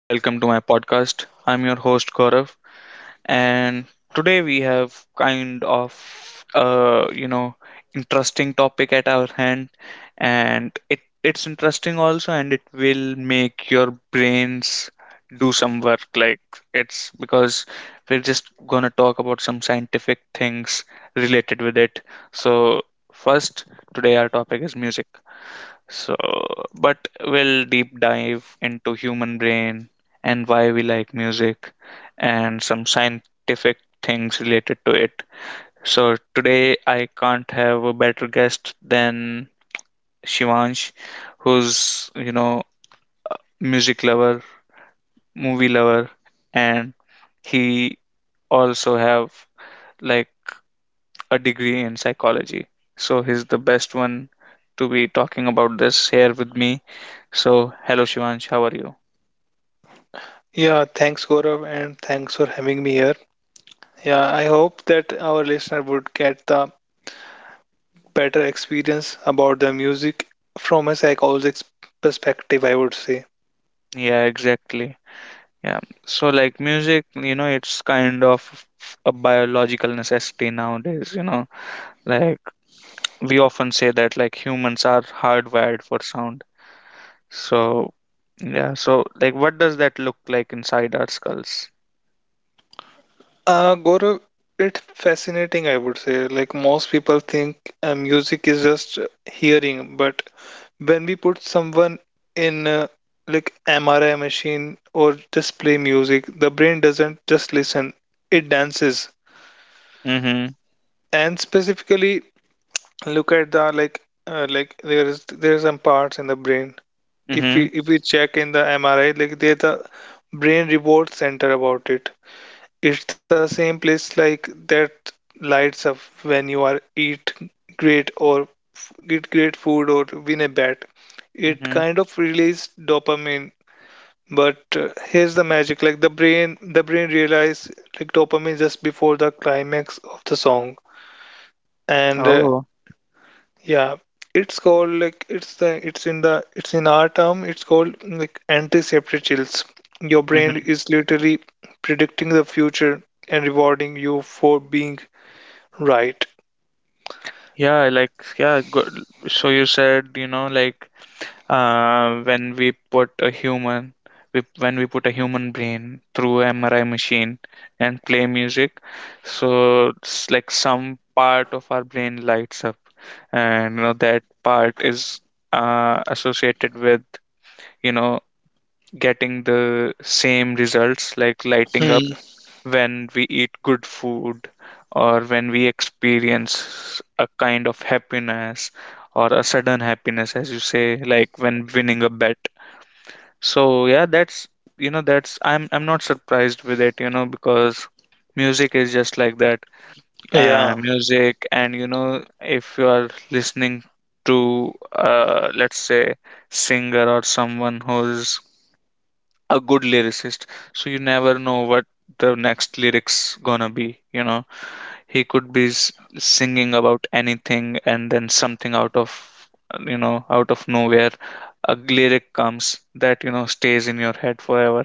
Welcome to my podcast. I'm your host Gaurav, and today we have kind of uh, you know interesting topic at our hand, and it's interesting also, and it will make your brains do some work. Like it's because we're just gonna talk about some scientific things related with it. So first, today our topic is music. So, but we'll deep dive into human brain and why we like music and some scientific things related to it. So today I can't have a better guest than Shivansh, who's, you know, music lover, movie lover, and he also have like a degree in psychology. So he's the best one to be talking about this here with me. So hello Shivansh, how are you? Yeah, thanks, Gaurav, and thanks for having me here. Yeah, I hope that our listener would get the better experience about the music from a psychologist's perspective, I would say. Yeah, exactly. Yeah. So like music, you know, it's kind of a biological necessity nowadays, you know. Like we often say that like humans are hardwired for sound. So yeah, so like what does that look like inside our skulls? Gaurav, it's fascinating, I would say. Like most people think music is just hearing, but when we put someone in like MRI machine or just play music, the brain doesn't just listen, it dances. Mm-hmm. And specifically, look at the there are some parts in the brain if we Mm-hmm. if we check in the mri, like there's a brain reward center about it. It's the same place like that lights up when you are eat great or eat great food or win a bet. It Mm-hmm. kind of release dopamine, but here's the magic. Like the brain realize like dopamine just before the climax of the song. And Oh. Yeah, it's called like it's the it's in our term it's called like anticipatory chills. Your brain Mm-hmm. is literally predicting the future and rewarding you for being right. Yeah, like yeah, go, so you said, you know, like when we put a human we, when we put a human brain through MRI machine and play music so it's like some part of our brain lights up and you know that part is associated with you know getting the same results like lighting up Hmm. when we eat good food or when we experience a kind of happiness or a sudden happiness as you say like when winning a bet so yeah, that's you know that's I'm not surprised with it, you know, because music is just like that. Yeah. Music and you know if you are listening to let's say singer or someone who's a good lyricist, so you never know what the next lyrics gonna be. You know, he could be singing about anything and then something out of you know out of nowhere a lyric comes that you know stays in your head forever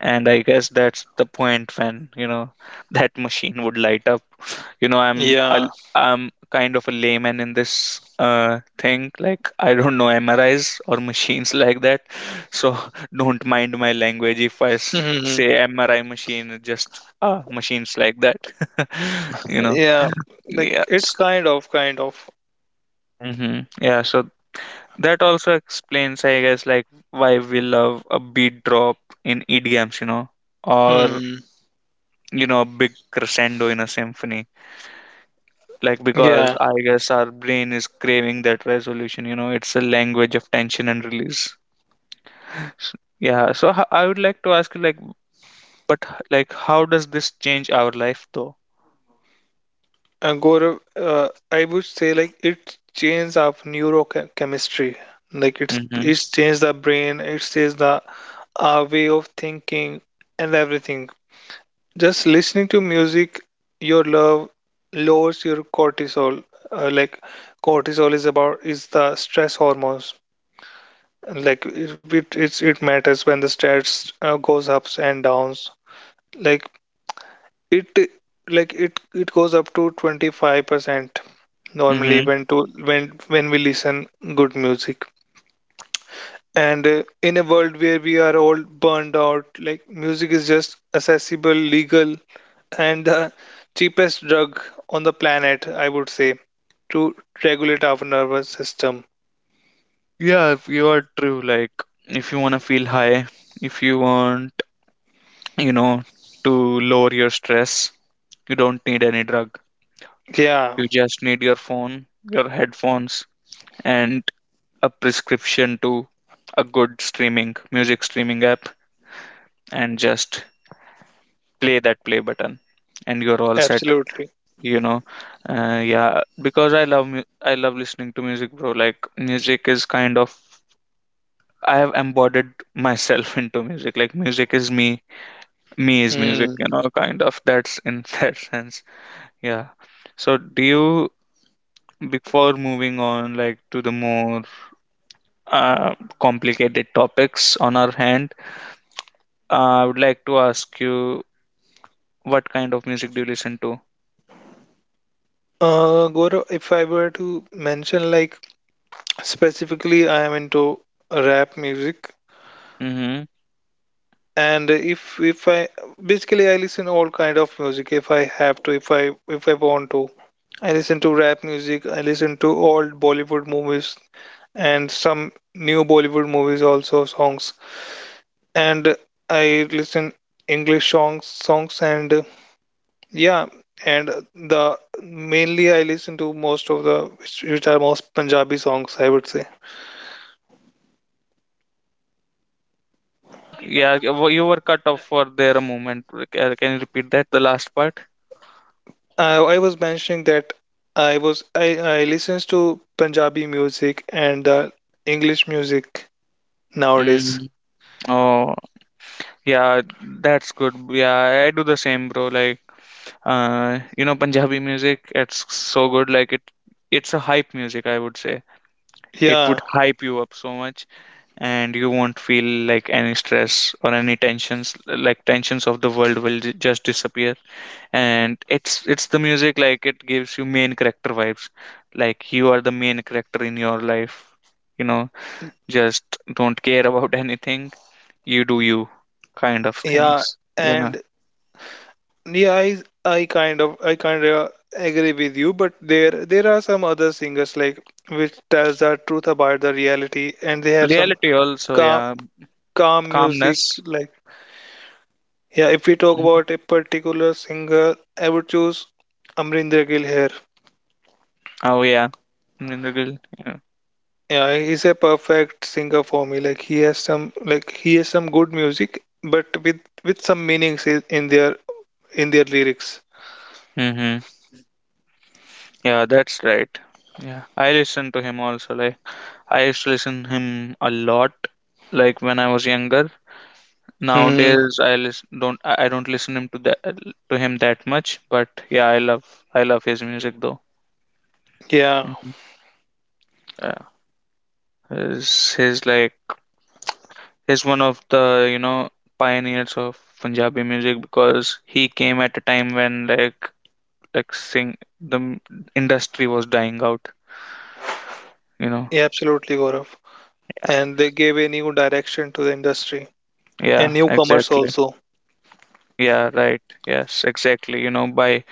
and I guess that's the point when you know that machine would light up you know Yeah. I'm kind of a layman in this thing like I don't know mris or machines like that so don't mind my language if I Hmm. say mri machine it's just machines like that you know Yeah. Like it's yes kind of. hmm yeah so that also explains I guess like why we love a beat drop in edms you know or Hmm. you know, a big crescendo in a symphony. Like, because Yeah. I guess our brain is craving that resolution, you know, it's a language of tension and release. S- Yeah, so I would like to ask you, like, but like, how does this change our life though? And Gaurav, I would say like it changes of neurochemistry. Like it's Mm-hmm. it's changed the brain. It changes the our way of thinking and everything. Just listening to music your love lowers your cortisol. Like cortisol is about is the stress hormones. Like it matters when the stress goes ups and downs. Like it it goes up to 25% normally Mm-hmm. when to when we listen good music. And in a world where we are all burned out, like music is just accessible, legal, and the cheapest drug on the planet, I would say, to regulate our nervous system. Yeah, if you are true, like, if you want to feel high, if you want, you know, to lower your stress, you don't need any drug. Yeah, You just need your phone, your headphones, and a prescription to a good streaming music streaming app and just play that play button and you're all set absolutely. you know yeah because I love I love listening to music bro like music is kind of I have embodied myself into music like music is me me is music Hmm. you know kind of that's in that sense yeah so do you before moving on like to the more uh, complicated topics on our hand I would like to ask you what kind of music do you listen to? Gaurav, if I were to mention, like, specifically, I am into rap music, Mm-hmm. and if I basically I listen all kind of music. If I have to, if I want to, I listen to rap music. I listen to old Bollywood movies and some new Bollywood movies also songs. And I listen English songs and yeah, and the mainly I listen to most of the which are most Punjabi songs, I would say. Huh? Yeah, you were cut off for there a moment. Can you repeat that, the last part? I was mentioning that I listens to Punjabi music and English music nowadays. Mm. Oh, yeah, that's good. Yeah, I do the same, bro. Like, you know, Punjabi music, it's so good. Like, it's a hype music, I would say. It Yeah, would hype you up so much, and you won't feel like any stress or any tensions. Like, tensions of the world will just disappear. And it's the music like it gives you main character vibes like you are the main character in your life you know just don't care about anything you do you kind of yeah, things you know and yeah, I kind of agree with you, but there are some other singers like which tells the truth about the reality, and they have some reality also calm yeah calm music. calmness. Like yeah, if we talk Mhm. about a particular singer, I would choose amrinder gill here. Oh yeah Mindragil, yeah. Yeah, he's a perfect singer for me. Like he has some like he has some good music but with some meanings I- in their lyrics. Hmm yeah that's right yeah I listen to him also like I used to listen him a lot like when I was younger. Hmm. Nowadays, I listen, don't I don't listen him to that to him that much, but yeah, I love his music though. Yeah. Mhm. Yeah, he's like he's one of the you know pioneers of Punjabi music because he came at a time when like like sing the m- industry was dying out. You know. Yeah, absolutely, gaurav. Yeah. And they gave a new direction to the industry Yeah. and newcomers Exactly. also. Yeah. Right. Yes. Exactly. You know by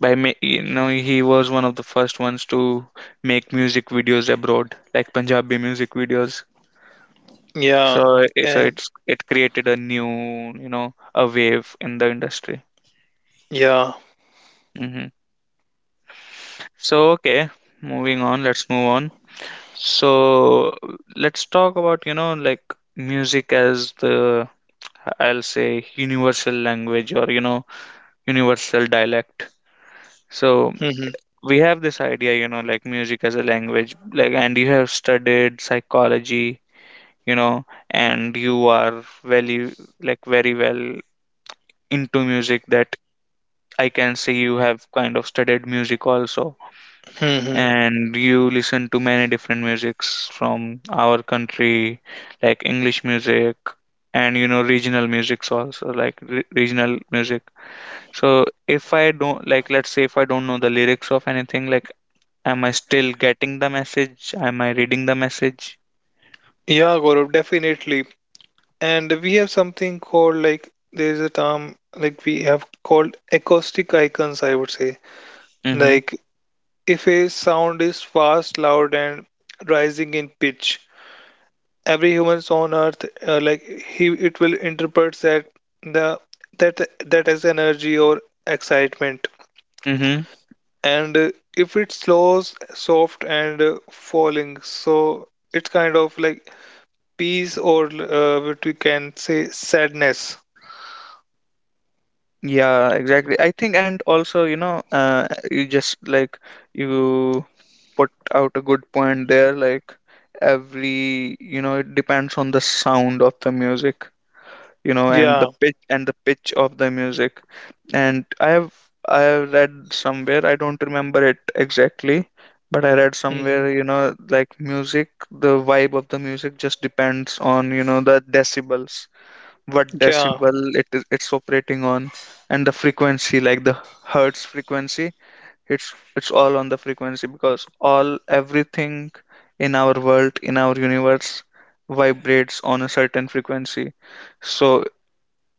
you know he was one of the first ones to make music videos abroad like punjabi music videos Yeah. So And it's it created a new you know a wave in the industry yeah. hmm so okay moving on let's move on so let's talk about you know like music as the I'll say universal language or you know universal dialect so Hmm. we have this idea you know like music as a language like and you have studied psychology you know and you are very like very well into music that I can say you have kind of studied music also Hmm. and you listen to many different musics from our country like english music and you know regional musics also like regional music so if I don't like let's say if I don't know the lyrics of anything like Am I still getting the message? Am I reading the message? Yeah, gaurav, definitely. And we have something called like there is a term like we have called acoustic icons, I would say. Mm-hmm. Like if a sound is fast, loud, and rising in pitch, every humans on earth like he it will interpret that the that that as energy or excitement. Mm-hmm. And if it's slow, soft, and falling, so it's kind of like peace or what we can say sadness. Yeah, exactly. I think, and also, you know, you just like you put out a good point there. Like every, you know, it depends on the sound of the music. You know Yeah. And the pitch of the music and I have read somewhere I don't remember it exactly but I read somewhere you know like music the vibe of the music just depends on you know the decibels what Yeah, decibel it is it's operating on and the frequency like the hertz frequency it's all on the frequency because all everything in our world in our universe vibrates on a certain frequency so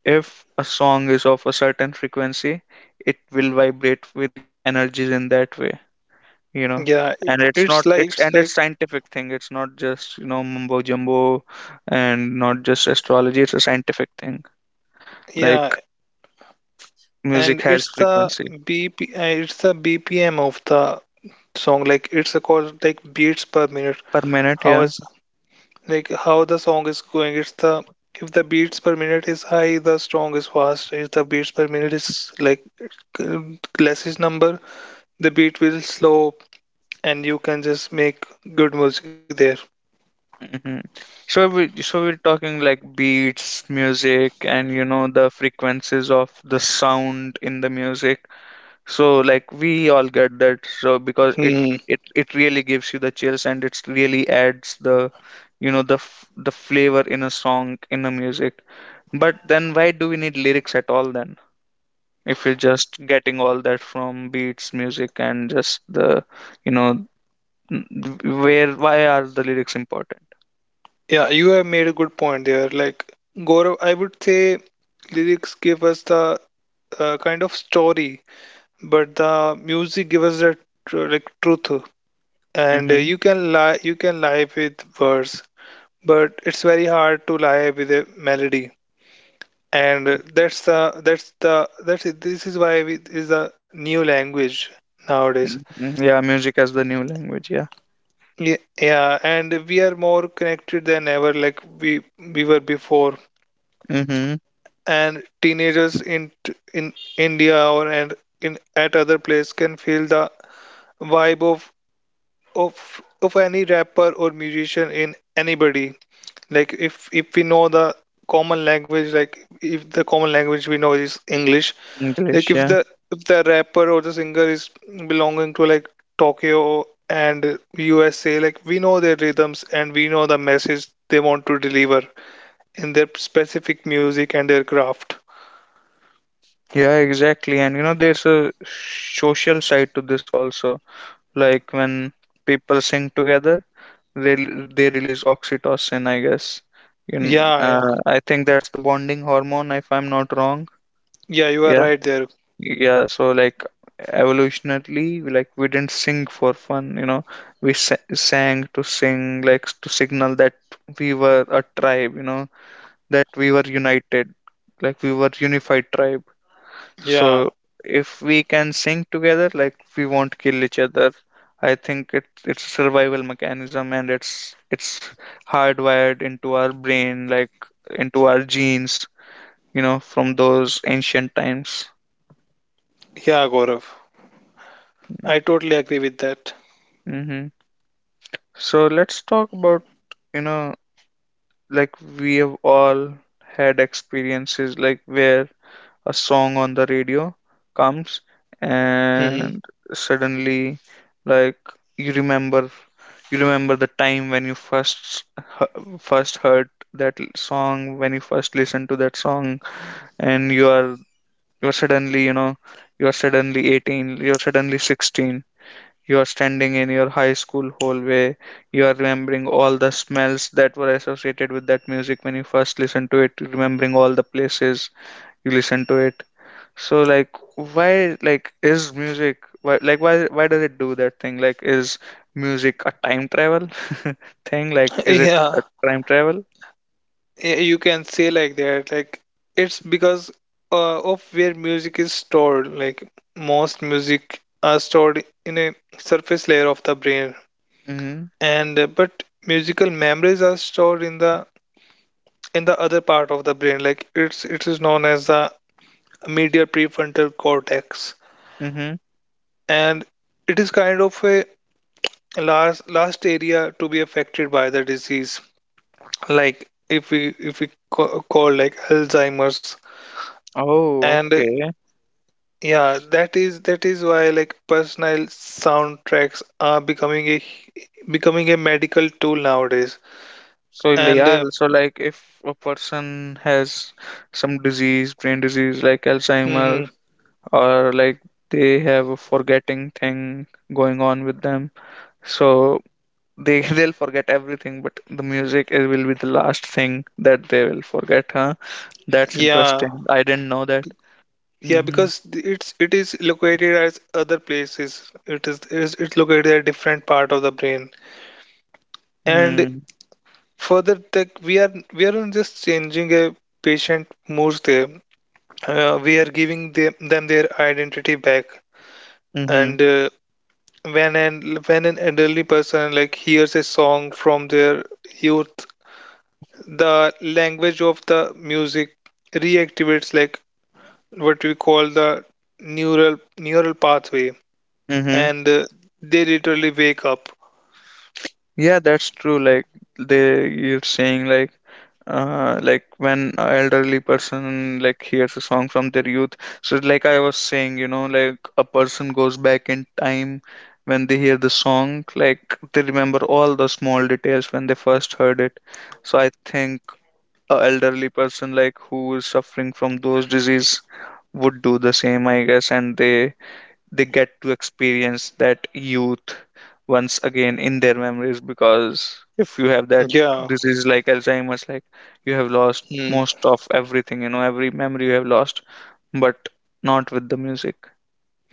if a song is of a certain frequency, it will vibrate with your energies in that way, you know. yeah. And it's It's not like it's it's and like it's scientific thing. It's not just, you know, mumbo jumbo and not just astrology. It's a scientific thing. yeah, Like music and has it's the frequency BP, it's the BPM of the song. Like it's a called like beats per minute. per minute, How yeah. is like how the song is going? It's the if the beats per minute is high, the song is fast. If the beats per minute is like less is number, the beat will slow, and you can just make good music there. Hmm so we so we're talking like beats, music, and you know the frequencies of the sound in the music. So like we all get that so because it Hmm. it it really gives you the chills and it really adds the you know the the flavor in a song in a music. But then why do we need lyrics at all then if you're just getting all that from beats, music and just the you know n- where why are the lyrics important? Yeah, you have made a good point there. Like, Gaurav, I would say lyrics give us the kind of story, but the music gives us the like truth. And Mm-hmm. You can lie with verse, but it's very hard to lie with a melody. And that's the that's the that's it. This is why we, is a new language nowadays. Mm-hmm. Yeah, music as the new language, yeah. Yeah, yeah, and we are more connected than ever, like we were before. Mm-hmm. And teenagers in in India or and in at other place can feel the vibe of of any rapper or musician in anybody. Like if we know the common language, like if the common language we know is English, like English, if yeah. the if the rapper or the singer is belonging to like Tokyo and USA, like we know their rhythms and we know the message they want to deliver in their specific music and their craft. Yeah, exactly. And you know there's a social side to this also like when people sing together they they release oxytocin I guess in Yeah, yeah. I think that's the bonding hormone if I'm not wrong Yeah, you are yeah right there. yeah so like evolutionarily like we didn't sing for fun you know we sang to sing like to signal that we were a tribe you know that we were united like we were unified tribe Yeah, so if we can sync together, like we won't kill each other. I think it's a survival mechanism and it's hardwired into our brain, like into our genes, you know, from those ancient times. yeah, Gaurav. I totally agree with that. Hmm so let's talk about, you know, like we have all had experiences like where a song on the radio comes Hmm. and suddenly like you remember you remember the time when you first first heard that song when you first listened to that song and you're suddenly you know you're suddenly 18 you're suddenly 16 you are standing in your high school hallway you are remembering all the smells that were associated with that music when you first listened to it remembering all the places you listened to it so like why like is music why like why does it do that thing? Like is music a time travel thing? Like is it Yeah, a time travel? You can say like that. Like it's because of where music is stored. Like most music are stored in a surface layer of the brain, Mm-hmm. and but musical memories are stored in the other part of the brain. Like it's it is known as the medial prefrontal cortex, Mm-hmm. and it is kind of a last area to be affected by the disease, like if we call like Alzheimer's. Oh, And okay. yeah, that is why like personal soundtracks are becoming a medical tool nowadays. So And yeah, so like if a person has some disease, brain disease like Alzheimer mhm, or like they have a forgetting thing going on with them. So they they'll forget everything, but the music it will be the last thing that they will forget, huh? That's yeah, interesting. I didn't know that. yeah, Mm-hmm. because it's it is located as other places, it is it's located at different part of the brain. And Mm-hmm. further, like we are not just changing a patient moods there, we are giving them their identity back. Mm-hmm. And when an elderly person like hears a song from their youth, the language of the music reactivates like what we call the neural pathway. Mm-hmm. And they literally wake up. Yeah, that's true. Like you're saying like when a elderly person like hears a song from their youth. So like I was saying, you know, like a person goes back in time when they hear the song. Like they remember all the small details when they first heard it. So I think a elderly person like who is suffering from those disease would do the same, I guess, and they get to experience that youth once again in their memories because if you have that Yeah. disease like Alzheimer's, like you have lost Hmm. most of everything, you know, every memory you have lost, but not with the music.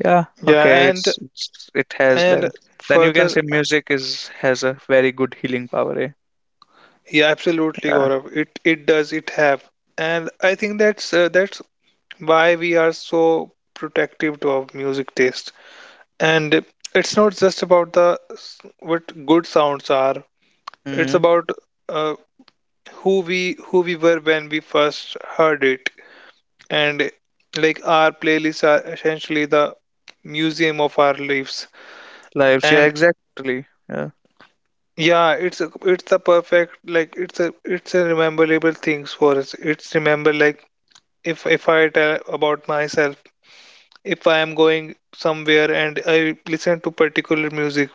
Yeah. Yeah, Okay, it's, it has and then you can further. say music is has a very good healing power, eh? Yeah, absolutely, Yeah. Gaurav, it does it have. And I think that's why we are so protective to our music taste. And it's not just about the what good sounds are. It's Hmm. about uh, who we were when we first heard it. And like our playlists are essentially the museum of our lives. Lives, yeah, And exactly, yeah. yeah, it's a, it's the perfect like it's a rememberable things for us. It's remember like if I tell about myself, if I am going somewhere and I listen to particular music.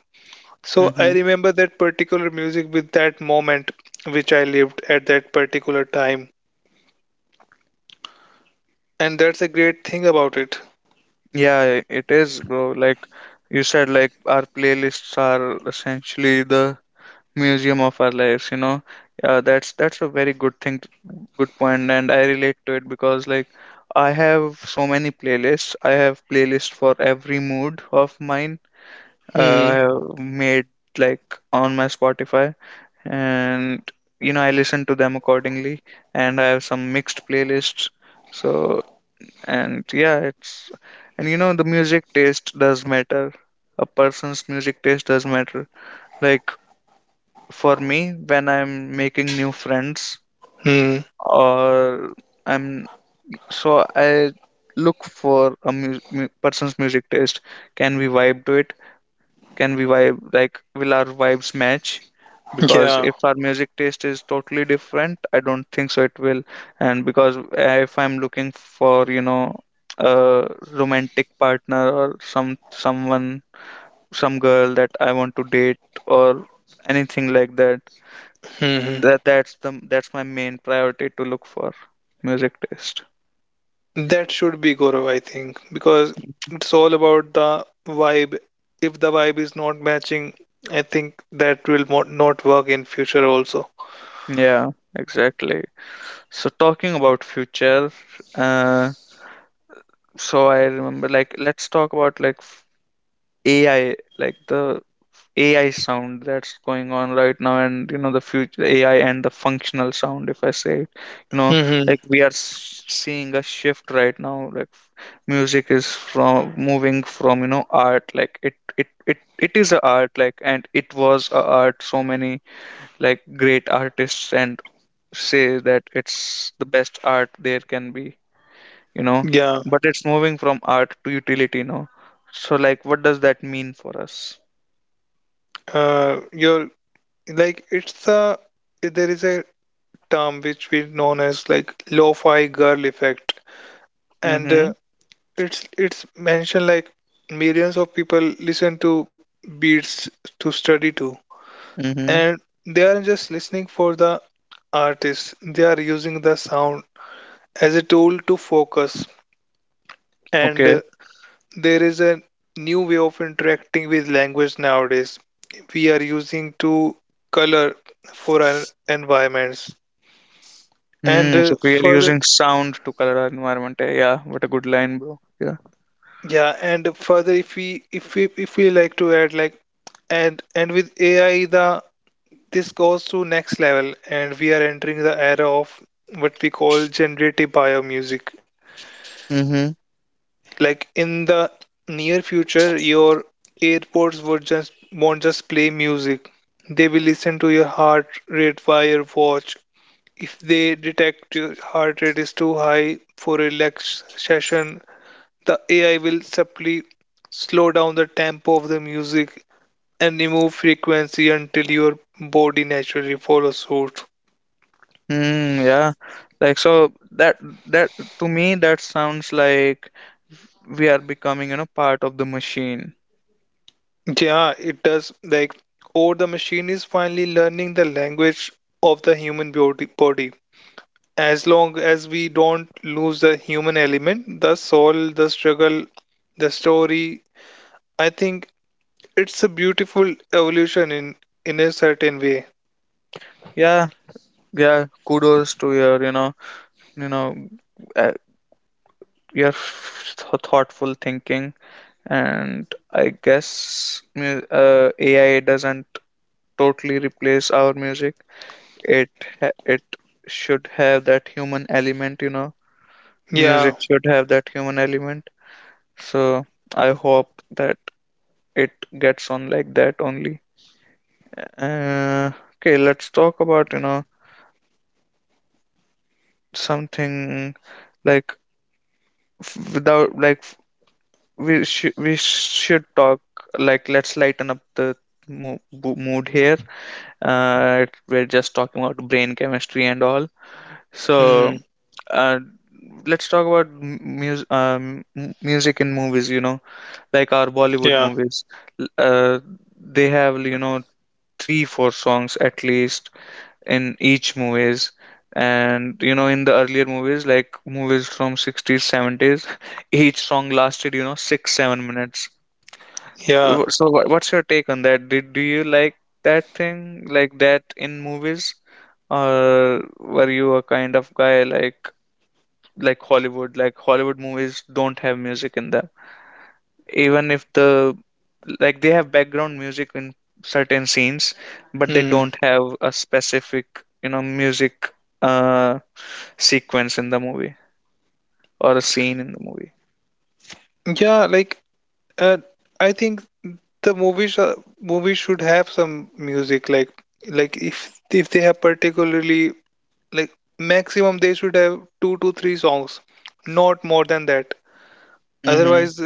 So I Hmm. remember that particular music with that moment which I lived at that particular time. And that's a great thing about it. Yeah, it is, bro. Like you said, like our playlists are essentially the museum of our lives, you know. That's a very good good point, and I relate to it because like I have so many playlists, I have playlists for every mood of mine. I Hmm. have made, like, on my Spotify, and you know, I listen to them accordingly, and I have some mixed playlists. So, and yeah, it's, and you know, the music taste does matter. A person's music taste does matter. Like for me, when I'm making new friends Hmm. or I'm, so I look for a person's music taste. Can we vibe to it? Can we vibe, like will our vibes match? Because Yeah. if our music taste is totally different, I don't think so it will. And because if I'm looking for, you know, a romantic partner or someone some girl that I want to date or anything like that, Hmm. That's my main priority to look for, music taste. That should be Gaurav, I think, because it's all about the vibe. If the vibe is not matching, I think that will not work in future also. Yeah, exactly. So talking about future, uh, so I remember like let's talk about like AI, like the AI sound that's going on right now, and you know, the future AI and the functional sound, if I say it, you know, Hmm. like we are seeing a shift right now. Like music is from moving from, you know, art, like it is a art, like, and it was a art. So many like great artists and say that it's the best art there can be, you know. Yeah. But it's moving from art to utility now. So like what does that mean for us? You're like it's a there is a term which we known as like lo-fi girl effect. And Mm-hmm. It's mentioned like millions of people listen to beats to study to, Mm-hmm. and they aren't just listening for the artist, they are using the sound as a tool to focus. And Okay. There is a new way of interacting with language nowadays. We are using to color for our environments. and Hmm. uh, So we are further using sound to color our environment, eh? Yeah. What a good line, bro. Yeah. Yeah, and further, if we like to add like, and with AI, the this goes to next level, and we are entering the era of what we call generative bio music. Mm-hmm. Like in the near future, your airports would just won't just play music; they will listen to your heart rate via your watch. If they detect your heart rate is too high for a relaxation, the AI will simply slow down the tempo of the music and remove frequency until your body naturally follows suit. Hmm. Yeah. Like so that, that, to me that sounds like we are becoming, you know, part of the machine. Yeah, it does. Like, or the machine is finally learning the language of the human body. As long as we don't lose the human element, the soul, the struggle, the story, I think it's a beautiful evolution in a certain way. Yeah. Yeah. Kudos to your, you know, you know, uh, your thoughtful thinking. And I guess AI doesn't totally replace our music. It it should have that human element, you know. Yeah. Music should have that human element. So I hope that it gets on like that only. uh, okay, let's talk about, you know, something like without like, we should, we should talk, like let's lighten up the mood here. Uh, we're just talking about brain chemistry and all. Hmm. So, uh, let's talk about music in movies, you know, like our Bollywood Yeah. movies. L- uh they have, you know, 3 4 songs at least in each movies. And you know, in the earlier movies, like movies from 60s 70s, each song lasted, you know, 6 7 minutes. Yeah. So what, what's your take on that? Did, do you like that thing like that in movies, or were you a kind of guy like Hollywood? Like Hollywood movies don't have music in them, even if the, like they have background music in certain scenes, but they Hmm. don't have a specific, you know, music, uh, sequence in the movie or a scene in the movie. Yeah. Like Uh, I think the movies movies should have some music, like if they have particularly like maximum they should have two to three songs, not more than that. Mm-hmm. Otherwise,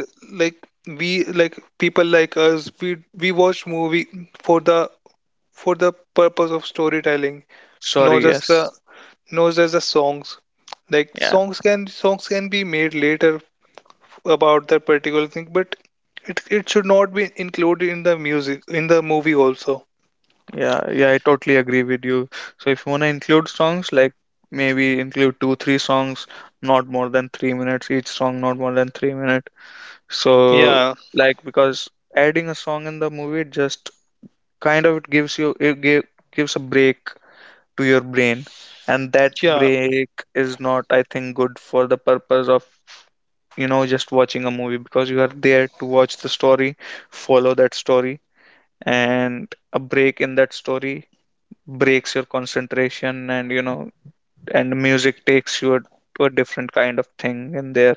like we like people like us, we watch movie for the for the purpose of storytelling, not Sorry, just the yes. not just the songs. Like Yeah. songs can be made later about that particular thing, but it should not be included in the music in the movie also. Yeah, yeah, I totally agree with you. So if you want to include songs, like maybe include two, three songs, not more than 3 minutes each song, not more than 3 minutes. So, Yeah, like because adding a song in the movie just kind of it gives you it gives a break to your brain, and that yeah, break is not, I think, good for the purpose of, you know, just watching a movie because you are there to watch the story, follow that story, and a break in that story breaks your concentration, and you know, and music takes you to a different kind of thing in there.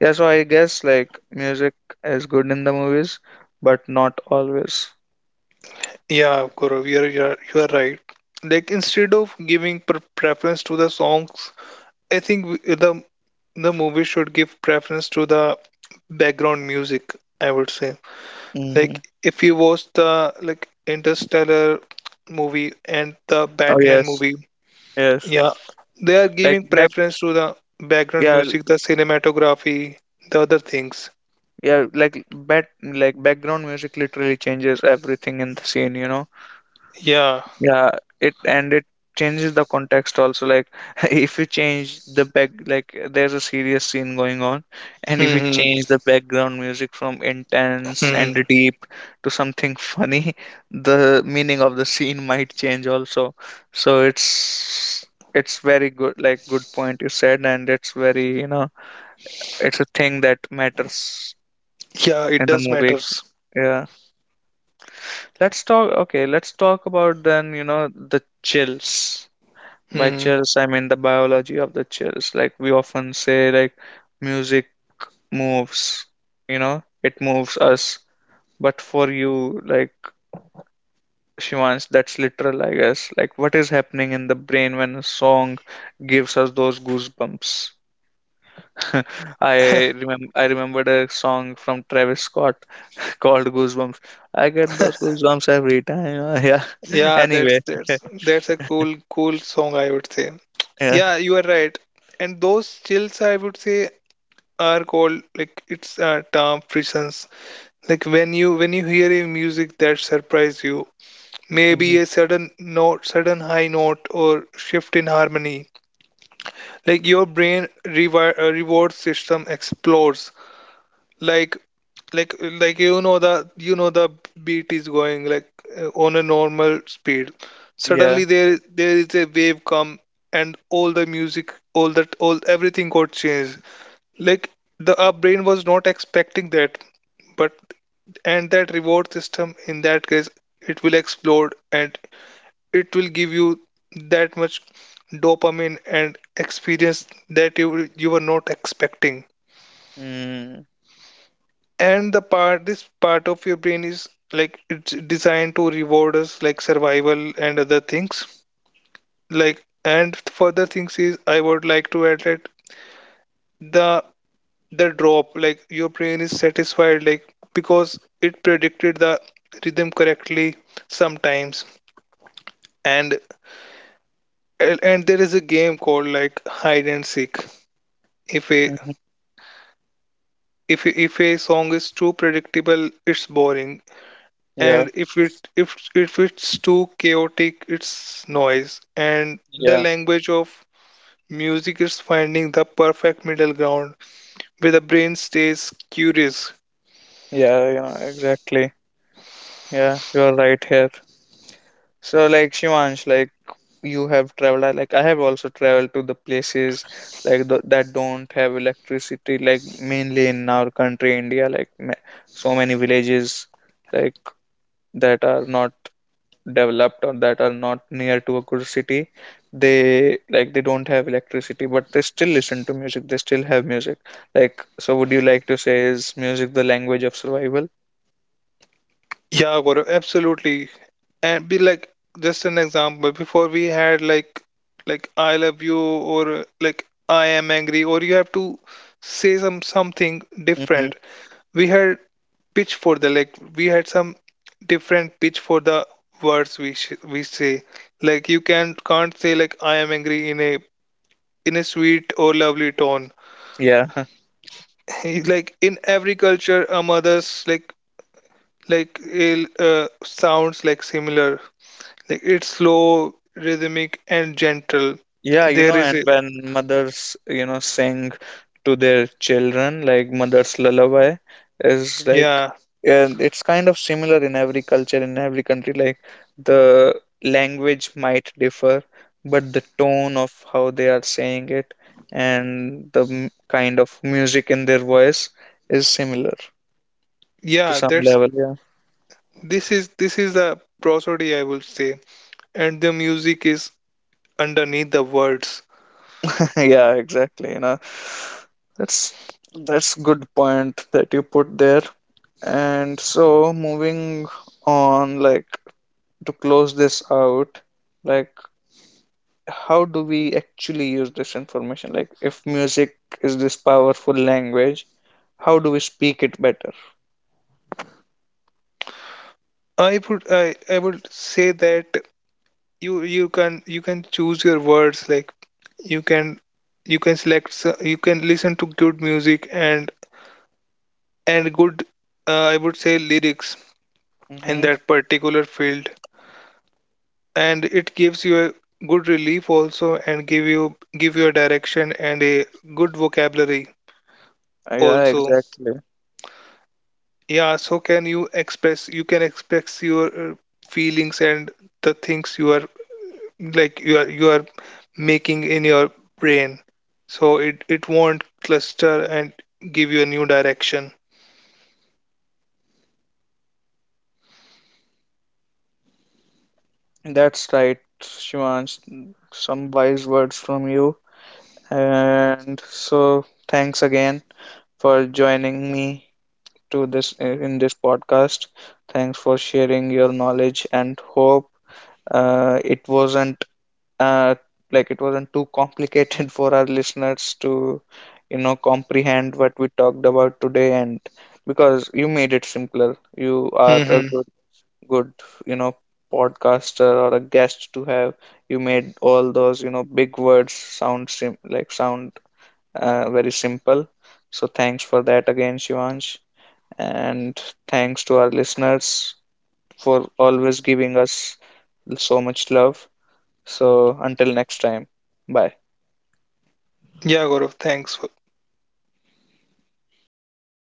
Yeah, so I guess like music is good in the movies, but not always. yeah, Gaurav, you are right. Like instead of giving preference to the songs, I think the movie should give preference to the background music, I would say. Hmm. Like if you watch the like Interstellar movie and the Oh Batman yes. movie, Yes. yeah, they are Like giving back, preference to the background yeah. music, the cinematography, the other things. Yeah, like back, like background music literally changes everything in the scene, you know. Yeah. Yeah, it and it changes the context also, like if you change the back, like there's a serious scene going on, and if you Hmm. change the background music from intense Hmm. and deep to something funny, the meaning of the scene might change also. So it's very good, like good point you said, and it's very, you know, it's a thing that matters Yeah, in it the does movie. matters. Yeah. Let's talk, okay, let's talk about then, you know, the chills. By Hmm. chills, I mean the biology of the chills. Like we often say, like music moves, you know, it moves us. But for you, like Shivans, that's literal, I guess. Like what is happening in the brain when a song gives us those goosebumps? I remember I remembered a song from Travis Scott called Goosebumps. I get those goosebumps every time. Yeah. Yeah, Anyway. That's a cool song, I would say. Yeah. Yeah, you are right. And those chills I would say are called like it's a term frissons. Like when you hear a music that surprise you, maybe Hmm. a sudden note, sudden high note or shift in harmony, like your brain reward system explodes. Like like like you know the beat is going like on a normal speed, suddenly Yeah. There is a wave come, and all the music all that all everything got changed. Like the our brain was not expecting that, but and that reward system in that case, it will explode and it will give you that much dopamine and experience that you were not expecting. Mm-hmm. And the part this part of your brain is like it's designed to reward us like survival and other things. Like and further things is I would like to add that the the drop like your brain is satisfied like because it predicted the rhythm correctly sometimes. and and there is a game called like hide and seek. if a Mm-hmm. if if a song is too predictable it's boring, Yeah. and if it's too chaotic it's noise, and the Yeah. language of music is finding the perfect middle ground where the brain stays curious. Yeah, you know, exactly. Yeah, you're right here. So, like Shivansh, like you have traveled, like I have also traveled to the places like that don't have electricity, like mainly in our country, India, like ma so many villages like that are not developed or that are not near to a good city. They like they don't have electricity, but they still listen to music. They still have music. Like, so would you like to say is music the language of survival? Yeah Gaurav, absolutely. And be like just an example, before we had like I love you or like I am angry or you have to say something Mm-hmm. different, we had pitch for the like we had some different pitch for the words we we say. Like you can can't say like I am angry in a sweet or lovely tone. Yeah. Like in every culture a mother's like il uh, sounds like similar, like it's slow, rhythmic and gentle. Yeah, you There know, is and a when mothers, you know, sing to their children, like mother's lullaby is like, yeah and it's kind of similar in every culture, in every country. Like the language might differ, but the tone of how they are saying it and the kind of music in their voice is similar to yeah some that's level. Yeah, this is the prosody I will say, and the music is underneath the words. yeah, exactly. You know, that's that's good point that you put there. And so moving on, like to close this out, like how do we actually use this information? Like if music is this powerful language, how do we speak it better? I would say that you can you can choose your words, like you can you can listen to good music and good I would say lyrics in Mm-hmm. that particular field, and it gives you a good relief also and give you a direction and a good vocabulary Yeah, also. exactly. Yeah, so can you express, you can express your feelings and the things you are like you are making in your brain, so it won't cluster and give you a new direction. That's right, Shivansh. Some wise words from you. And so, thanks again for joining me to this in this podcast. Thanks for sharing your knowledge and hope. It wasn't uh, like it wasn't too complicated for our listeners to, you know, comprehend what we talked about today. And because you made it simpler, you are a Hmm. good good, you know, podcaster or a guest to have. You made all those, you know, big words sound sim like sound, very simple. So thanks for that again, Shivansh. And thanks to our listeners for always giving us so much love. So until next time, bye. Yeah, gaurav, thanks for